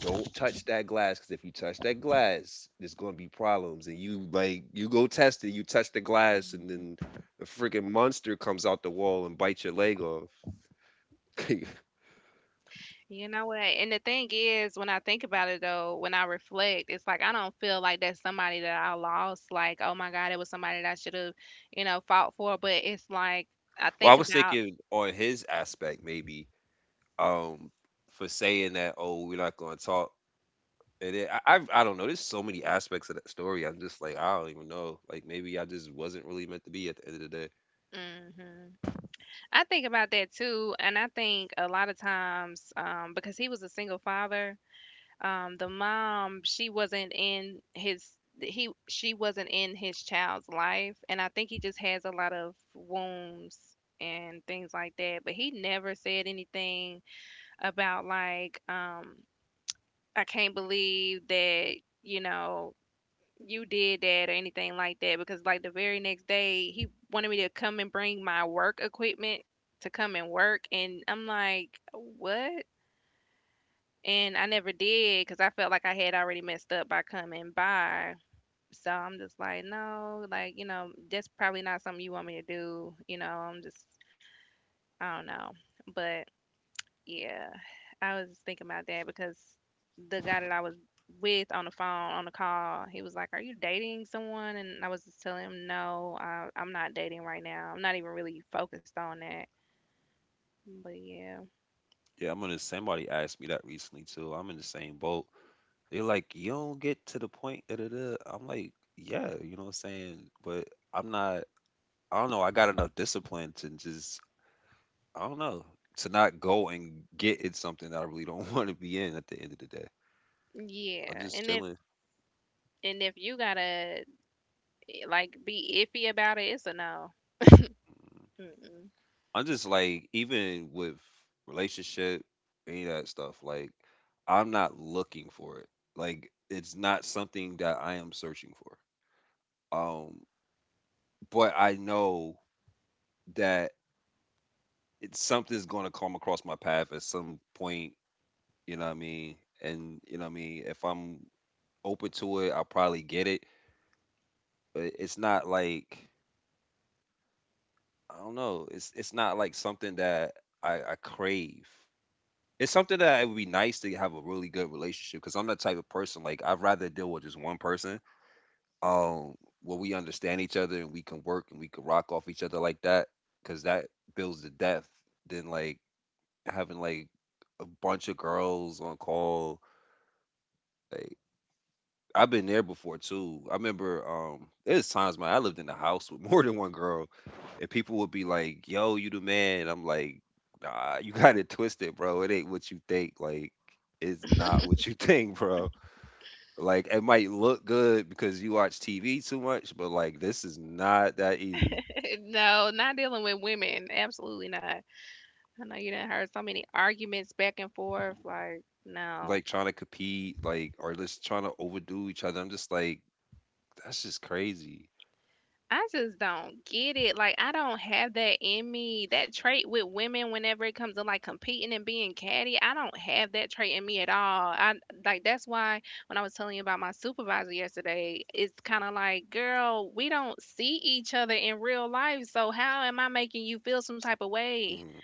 don't touch that glass because if you touch that glass, there's going to be problems. And you like you go test it, you touch the glass, and Mm. then a freaking monster comes out the wall and bites your leg off. You know what? And the thing is, when I think about it though, when I reflect, it's like I don't feel like that's somebody that I lost. Like, oh my God, it was somebody that I should have, you know, fought for. But it's like I Well, I think was about, thinking on his aspect maybe um for saying that, oh, we're not going to talk and I don't know, there's so many aspects of that story. I'm just like I don't even know, like maybe I just wasn't really meant to be at the end of the day. hmm, I think about that too, and I think a lot of times, because he was a single father, um, the mom she wasn't in his he, she wasn't in his child's life. And I think he just has a lot of wounds and things like that, but he never said anything about, like, I can't believe that, you know, you did that or anything like that. Because like the very next day he wanted me to come and bring my work equipment to come and work, and I'm like, what? And I never did because I felt like I had already messed up by coming by. So I'm just like, no, like, you know, that's probably not something you want me to do. You know, I'm just, I don't know. But yeah, I was just thinking about that because the guy that I was with on the phone, on the call, he was like, "Are you dating someone?" And I was just telling him, "No, I'm not dating right now. I'm not even really focused on that. But yeah, Yeah, I'm gonna, somebody asked me that recently too. I'm in the same boat. They're like, "You don't get to the point, da, da, da." I'm like, yeah, you know what I'm saying, but I'm not, I don't know, I got enough discipline to just, I don't know, to not go and get in something that I really don't want to be in at the end of the day. yeah." I'm just chilling. And if you got a like be iffy about it, it's a no. Mm. Mm-mm. I'm just like, even with relationship, any of that stuff, like, I'm not looking for it. Like, it's not something that I am searching for. Um, but I know that it's something's gonna come across my path at some point, you know what I mean? And you know what I mean, if I'm open to it, I'll probably get it. But it's not like, I don't know, it's not like something that I crave. It's something that it would be nice to have a really good relationship because I'm the type of person like I'd rather deal with just one person, um, where we understand each other and we can work and we can rock off each other like that because that builds the depth than like having like a bunch of girls on call. Like, I've been there before too. I remember there's times, man, I lived in a house with more than one girl, and people would be like, "Yo, you the man," and I'm like, "Nah, you got it twisted, bro. It ain't what you think." Like, it's not what you think, bro. Like, it might look good because you watch TV too much, but like this is not that easy. No, not dealing with women. Absolutely not. I know you done heard so many arguments back and forth. Like, no. Like trying to compete, like, or just trying to overdo each other. I'm just like, that's just crazy. I just don't get it. Like, I don't have that in me. That trait with women, whenever it comes to like competing and being catty, I don't have that trait in me at all. I like that's why when I was telling you about my supervisor yesterday, it's kind of like, girl, we don't see each other in real life. So, how am I making you feel some type of way? Mm,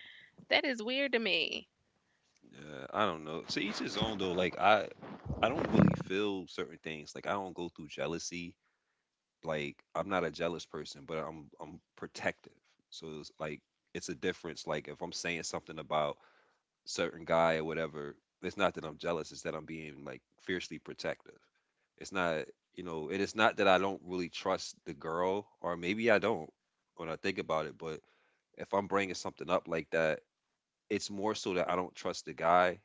That is weird to me. yeah, I don't know. To each his own though. I don't really feel certain things. Like I don't go through jealousy. Like I'm not a jealous person, but I'm protective. So it's like it's a difference. Like if I'm saying something about certain guy or whatever, it's not that I'm jealous. It's that I'm being like fiercely protective. It's not, you know. It is not that I don't really trust the girl, or maybe I don't when I think about it. But if I'm bringing something up like that, it's more so that I don't trust the guy,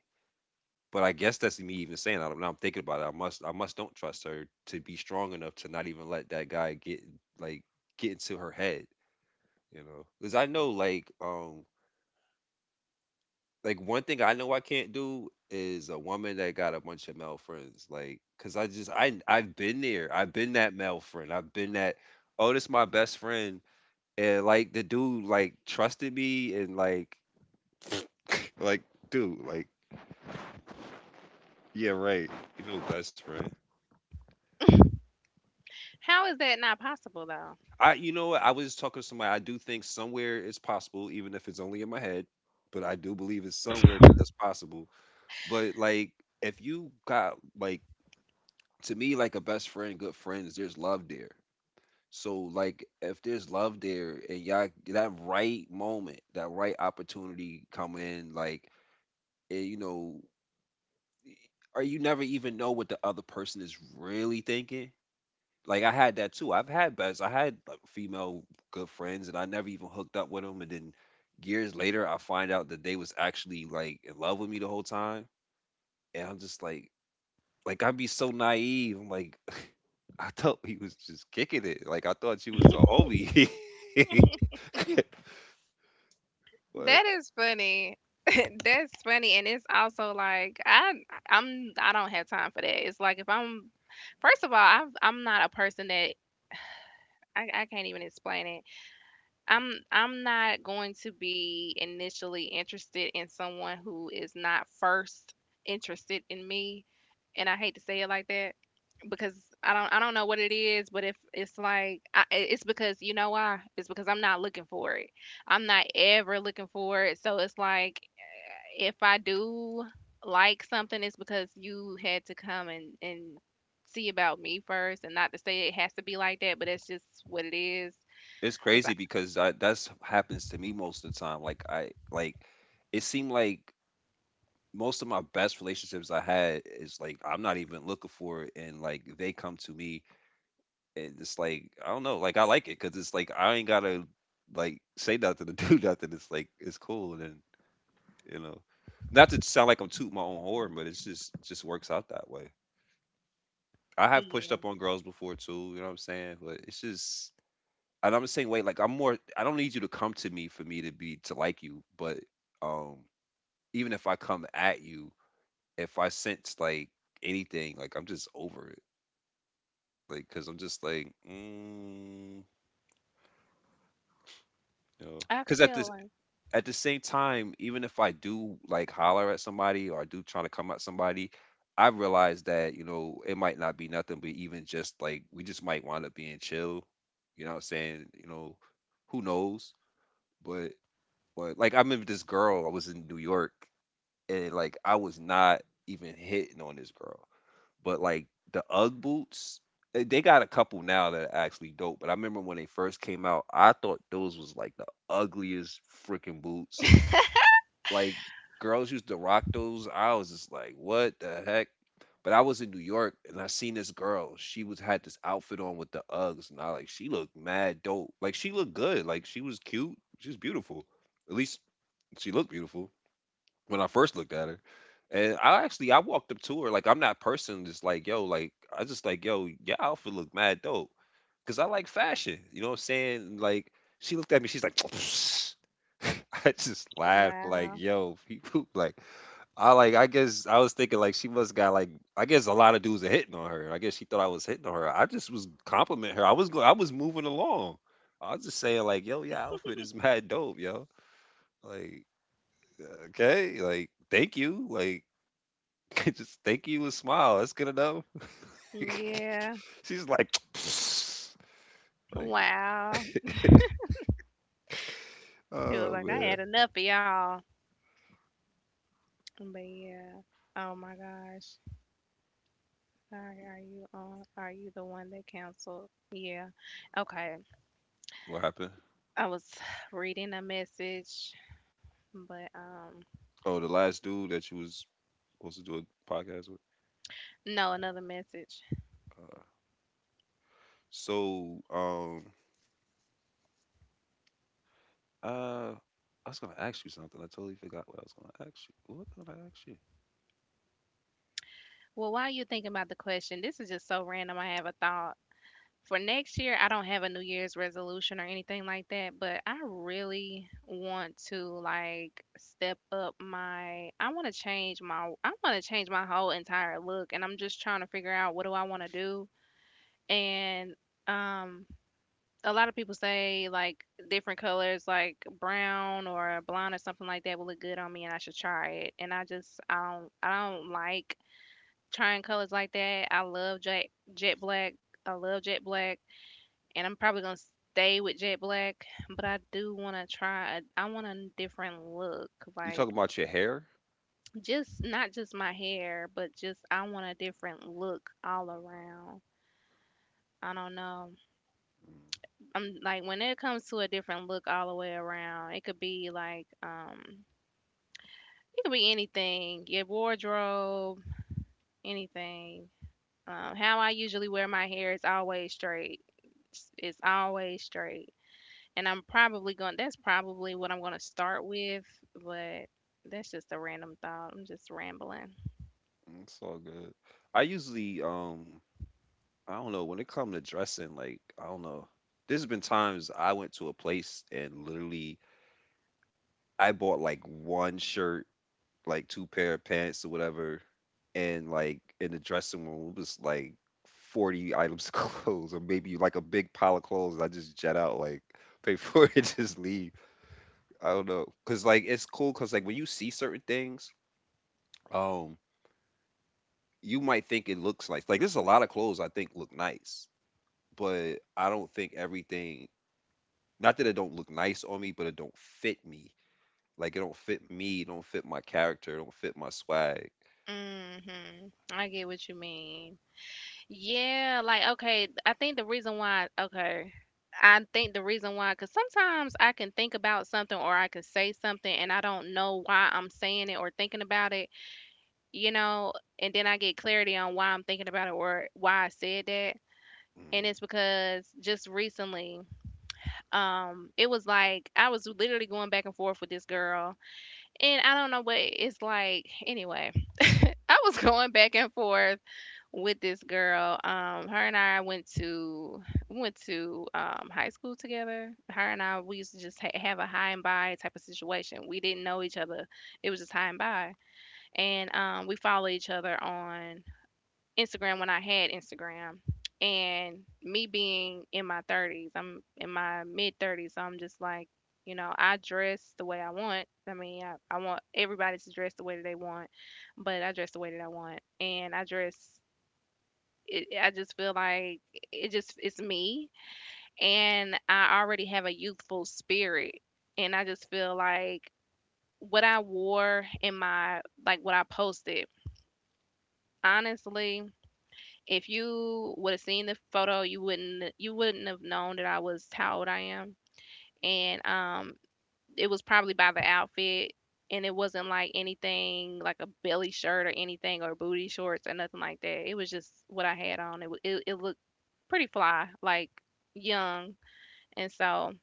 but I guess that's me even saying that. Now I'm thinking about it. I must don't trust her to be strong enough to not even let that guy get, like, get into her head, you know. Because I know, like one thing I know I can't do is a woman that got a bunch of male friends. Like, cause I've been there. I've been that male friend. I've been that. Oh, this my best friend, and like the dude like trusted me and like, like, dude, like, yeah, right, you know, best friend. How is that not possible though? I, you know what? I was just talking to somebody. I do think somewhere it's possible, even if it's only in my head, but I do believe it's somewhere that that's possible. But like if you got like, to me, like a best friend, good friends, there's love there. So like if there's love there and y'all that right moment, that right opportunity come in, like, eh, you know, or you never even know what the other person is really thinking. Like I had that too. I've had best. I had like female good friends, and I never even hooked up with them. And then years later, I find out that they was actually like in love with me the whole time. And I'm just like I'd be so naive. I'm like, I thought he was just kicking it. Like I thought she was a homie. But That is funny. That's funny, and it's also like I don't have time for that. It's like if I'm first of all, I'm not a person that I can't even explain it. I'm not going to be initially interested in someone who is not first interested in me, and I hate to say it like that. Because I don't, I don't know what it is, but if it's like I, it's because you know why? It's because I'm not looking for it. I'm not ever looking for it. So it's like if I do like something, it's because you had to come and see about me first, and not to say it has to be like that, but that's just what it is. it's Cause I crazy because that's happens to me most of the time. Like I like, it seemed like most of my best relationships I had is like I'm not even looking for it and like they come to me, and it's like I don't know, like I like it because it's like I ain't gotta like say nothing to do nothing. It's like it's cool, and then, you know, not to sound like I'm tooting my own horn, but it's just it just works out that way. I have pushed Yeah, up on girls before too, you know what I'm saying? But it's just, and I'm the same way. I don't need you to come to me for me to be to like you, but um, even if I come at you, if I sense like anything, like I'm just over it, like because I'm just like, mm, you know, I because feel like at the same time, even if I do like holler at somebody or I do trying to come at somebody, I realize that, you know, it might not be nothing, but even just like we just might wind up being chill. You know what I'm saying? You know, who knows? But but like I remember this girl, I was in New York and like I was not even hitting on this girl. But like the Ugg boots, eh, they got a couple now that are actually dope. But I remember when they first came out, I thought those was like the ugliest freaking boots, like girls used to rock those. I was just like, what the heck? But I was in New York and I seen this girl. She was had this outfit on with the Uggs, and I like she looked mad dope. Like she looked good. Like she was cute. She was beautiful. At least she looked beautiful when I first looked at her. And I walked up to her like I'm that person that's like, yo, like I just like, yo, your outfit look mad dope because I like fashion. You know what I'm saying? Like she looked at me, she's like, I just laughed like, wow, yo, people like, I like, I guess I was thinking like she must got like, I guess a lot of dudes are hitting on her. I guess she thought I was hitting on her. I just was compliment her. I was moving along. I was just saying like, yo, your outfit is mad dope, yo. Like, okay, like thank you, like, just thank you and smile. That's good enough. yeah, She's like, like, wow. Feels oh, like I man, had enough of y'all, but yeah. Oh my gosh. Sorry, are you on? Are you the one that canceled? Yeah. Okay. what happened? I was reading a message, but Oh, the last dude that you was supposed to do a podcast with. no, another message. Uh, so, um, uh, I was gonna ask you something. I totally forgot what I was gonna ask you. What did I ask you? Well, while you're thinking about the question, this is just so random. I have a thought. For next year, I don't have a New Year's resolution or anything like that, but I really want to step up my I want to change my whole entire look, and I'm just trying to figure out what do I want to do. And um a lot of people say like different colors like brown or blonde or something like that will look good on me and I should try it. And I just I don't like trying colors like that. I love jet black. I love jet black and I'm probably going to stay with jet black, but I do want to try a, I want a different look, You like talking about your hair? just not just my hair, but just I want a different look all around. I don't know. I'm like, when it comes to a different look all the way around, it could be like, it could be anything, your wardrobe, anything. How I usually wear my hair is always straight. It's always straight, and I'm probably going. That's probably what I'm going to start with, but that's just a random thought. I'm just rambling. Mm, it's all good. I usually, I don't know. When it come to dressing, like I don't know. There's been times I went to a place and literally I bought like one shirt, like two pair of pants or whatever, and like in the dressing room it was like 40 items of clothes or maybe like a big pile of clothes and I just jet out like pay for it and just leave. I don't know. Cause like it's cool cause like when you see certain things, um, you might think it looks nice. Like there's a lot of clothes I think look nice, but I don't think everything, not that it don't look nice on me, but it don't fit me. Like it don't fit me, it don't fit my character, it don't fit my swag. Mhm. I get what you mean. Yeah, like okay, I think the reason why, cuz sometimes I can think about something or I can say something and I don't know why I'm saying it or thinking about it, you know, and then I get clarity on why I'm thinking about it or why I said that. And Mm. it's because just recently, it was like I was literally going back and forth with this girl, and I don't know what it's like. Anyway, I was going back and forth with this girl. Her and I went to we went to high school together. Her and I we used to just have a high and by type of situation. We didn't know each other. It was just high and by, and we follow each other on Instagram when I had Instagram. And me being in my thirties, I'm in my mid thirties, so I'm just like, you know, I dress the way I want. I mean, I want everybody to dress the way that they want, but I dress the way that I want. And I just feel like it's me, and I already have a youthful spirit, and I just feel like what I wore in my like what I posted. Honestly, if you would have seen the photo, you wouldn't have known that I was how old I am, and it was probably by the outfit. And it wasn't like anything like a belly shirt or anything or booty shorts or nothing like that. It was just what I had on. It looked pretty fly, like young. And so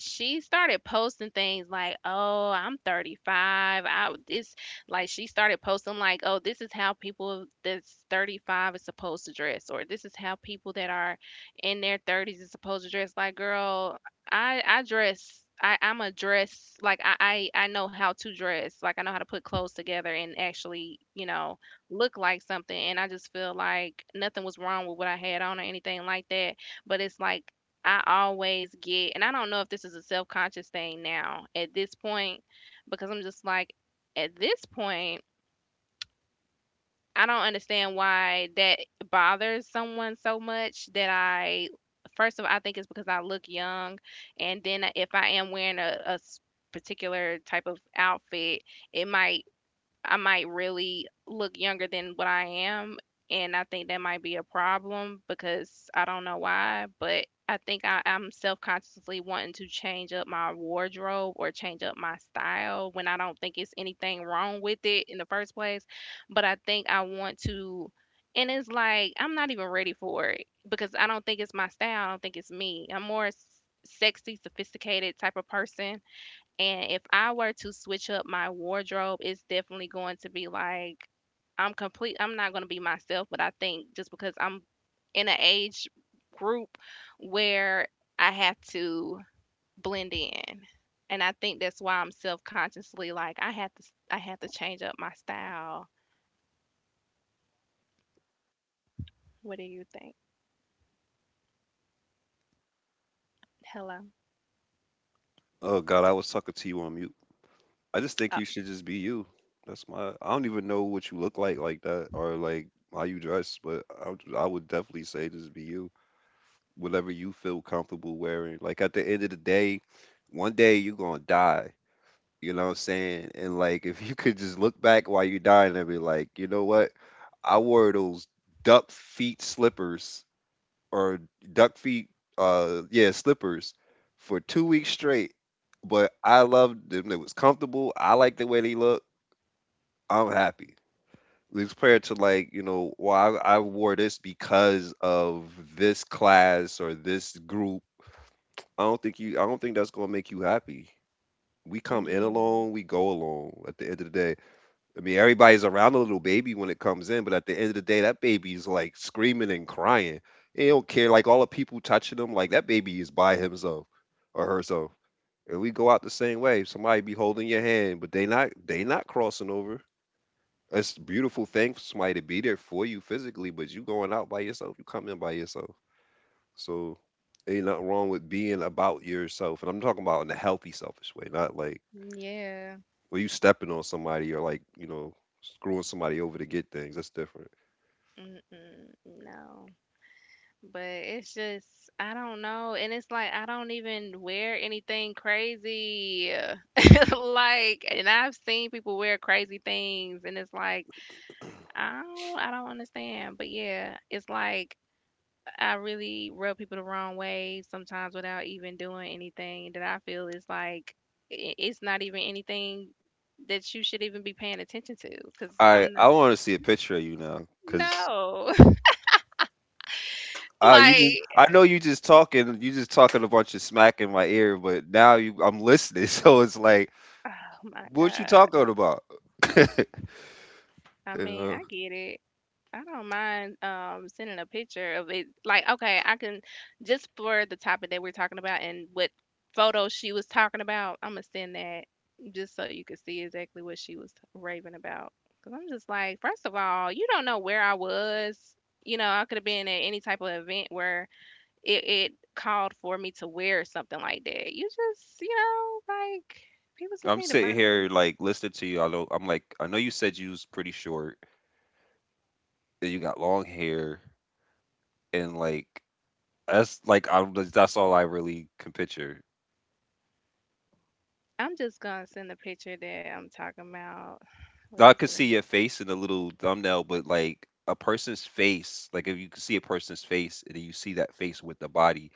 she started posting things like, "Oh, I'm 35." I It's like she started posting like, "Oh, this is how people that's 35 is supposed to dress," or "This is how people that are in their thirties is supposed to dress." Like, girl, I'm a dress like I know how to dress. Like I know how to put clothes together and actually, you know, look like something. And I just feel like nothing was wrong with what I had on or anything like that. But it's like I always get, and I don't know if this is a self conscious thing now at this point, because I'm just like, at this point, I don't understand why that bothers someone so much that I, first of all, I think it's because I look young. And then if I am wearing a particular type of outfit, it might I might really look younger than what I am, and I think that might be a problem because I don't know why, but I think I'm self-consciously wanting to change up my wardrobe or change up my style when I don't think it's anything wrong with it in the first place. But I think I want to, and it's like I'm not even ready for it because I don't think it's my style. I don't think it's me. I'm more sexy, sophisticated type of person, and if I were to switch up my wardrobe, it's definitely going to be like I'm complete. I'm not going to be myself, but I think just because I'm in an age group where I have to blend in. And I think that's why I'm self-consciously like I have to change up my style. What do you think? Hello. Oh God, I was talking to you on mute. I just think Oh, you should just be you. That's my. I don't even know what you look like that or like how you dress, but I would definitely say just be you. Whatever you feel comfortable wearing. Like at the end of the day, one day you're gonna die. You know what I'm saying? And like if you could just look back while you're dying and be like, you know what? I wore those duck feet slippers or duck feet, yeah, slippers for 2 weeks straight. But I loved them. It was comfortable. I liked the way they looked. I'm happy. As compared to like, you know, well, I wore this because of this class or this group. I don't think you, I don't think that's gonna make you happy. We come in yeah. alone, we go alone at the end of the day. I mean everybody's around a little baby when it comes in, but at the end of the day that baby's like screaming and crying. They don't care, like all the people touching them, like that baby is by himself or herself. And we go out the same way. Somebody be holding your hand, but they not crossing over. It's a beautiful thing for somebody to be there for you physically, but you going out by yourself, you coming by yourself. So ain't nothing wrong with being about yourself. And I'm talking about in a healthy, selfish way, not like Yeah. when you stepping on somebody or like, you know, screwing somebody over to get things. That's different. Mm-mm, no. But it's just, I don't know, and it's like I don't even wear anything crazy. Like, and I've seen people wear crazy things, and it's like I don't understand. But yeah, it's like I really rub people the wrong way sometimes without even doing anything that I feel is like it's not even anything that you should even be paying attention to. Because All right, I'm I want to see a picture of you now, cause no, you just like, I know you just talking a bunch of smack in my ear, but now you I'm listening, so it's like, oh my what you God. talking about? I mean, Yeah. I get it. I don't mind sending a picture of it. Like, okay, I can just for the topic that we're talking about and what photo she was talking about. I'm gonna send that just so you can see exactly what she was raving about. Cause I'm just like, first of all, you don't know where I was. You know, I could have been at any type of event where it called for me to wear something like that. You just, you know, like people just I'm need to sitting mind their here business. like listening to you. I know you said you was pretty short and you got long hair and like that's all I really can picture. I'm just gonna send the picture that I'm talking about. Now I Was could see your face in the little thumbnail, but like a person's face, like if you can see a person's face and then you see that face with the body,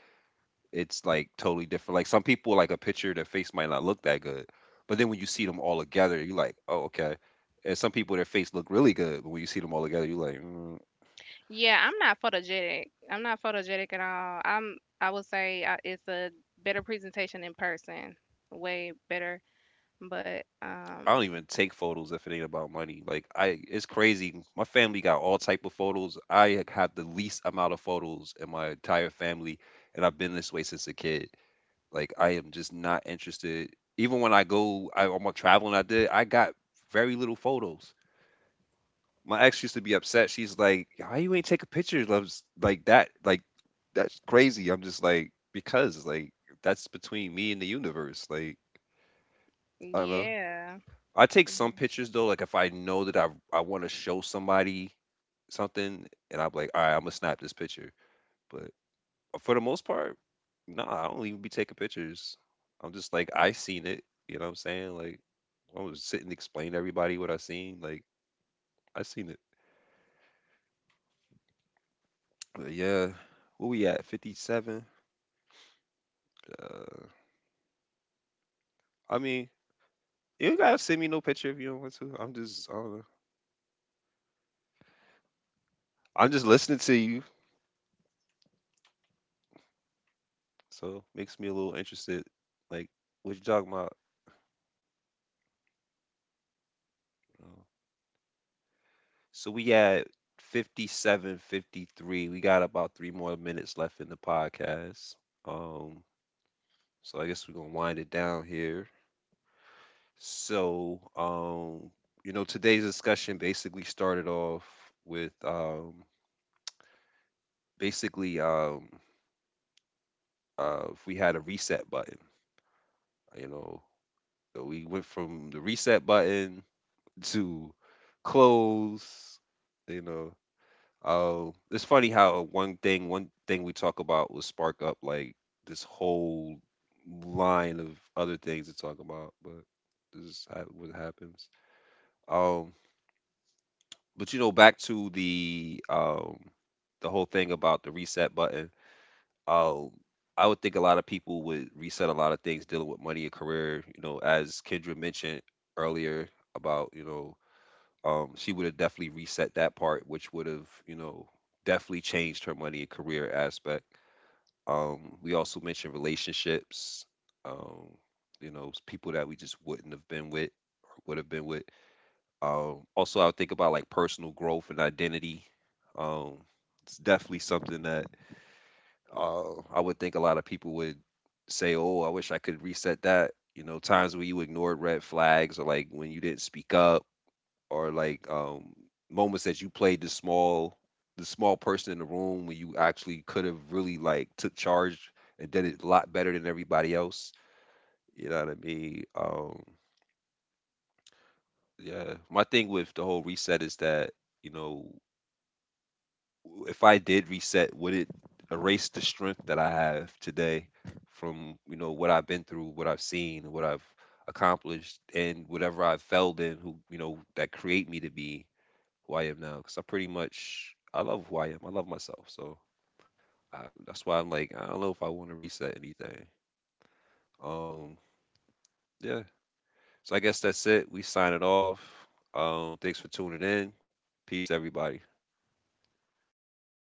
it's like totally different. Like some people like a picture, their face might not look that good, but then when you see them all together, you're like, oh okay. And some people, their face look really good, but when you see them all together, you're like, "Mm." yeah, I'm not photogenic. I'm not photogenic at all. I would say it's a better presentation in person, way better. But I don't even take photos if it ain't about money. Like it's crazy. My family got all type of photos. I have the least amount of photos in my entire family, and I've been this way since a kid. Like I am just not interested. Even when I go, I'm a traveling. I did. I got very little photos. My ex used to be upset. She's like, "How you ain't take a picture of like that? Like that's crazy." I'm just like, because like that's between me and the universe. Like I don't know. yeah. I take some Mm-hmm. pictures though, like if I know that I want to show somebody something, and I'm like, all right, I'm gonna snap this picture. But for the most part, nah, I don't even be taking pictures. I'm just like, I seen it. You know what I'm saying? Like, I was sitting and explain to everybody what I seen. Like, I seen it. But yeah, where we at? 57. Uh, I mean, you ain't gotta send me no picture if you don't want to. I'm just, I don't know. I'm just listening to you, so makes me a little interested. Like, what you talking about? So we at 57, 53. We got about 3 more minutes left in the podcast. Um, so I guess we're gonna wind it down here. So, you know, today's discussion basically started off with basically, if we had a reset button, you know, so we went from the reset button to close, you know. Oh, it's funny how one thing we talk about will spark up like this whole line of other things to talk about, but this is how, what happens. Um, but you know, back to the whole thing about the reset button. Um, I would think a lot of people would reset a lot of things dealing with money and career. You know, as Kendra mentioned earlier about, you know, she would have definitely reset that part, which would have, you know, definitely changed her money and career aspect. We also mentioned relationships, um, you know, people that we just wouldn't have been with or would have been with. Also, I would think about like personal growth and identity. Um, it's definitely something that, I would think a lot of people would say, "Oh, I wish I could reset that." You know, times when you ignored red flags or like when you didn't speak up, or like moments that you played the small person in the room when you actually could have really like took charge and did it a lot better than everybody else. You know what I mean? Yeah. My thing with the whole reset is that, you know, if I did reset, would it erase the strength that I have today from, you know, what I've been through, what I've seen, what I've accomplished, and whatever I've failed in, who, you know, that create me to be who I am now because I pretty much I love who I am. I love myself, so that's why I'm like I don't know if I want to reset anything. Um, yeah. So I guess that's it. We sign it off. Thanks for tuning in. Peace, everybody.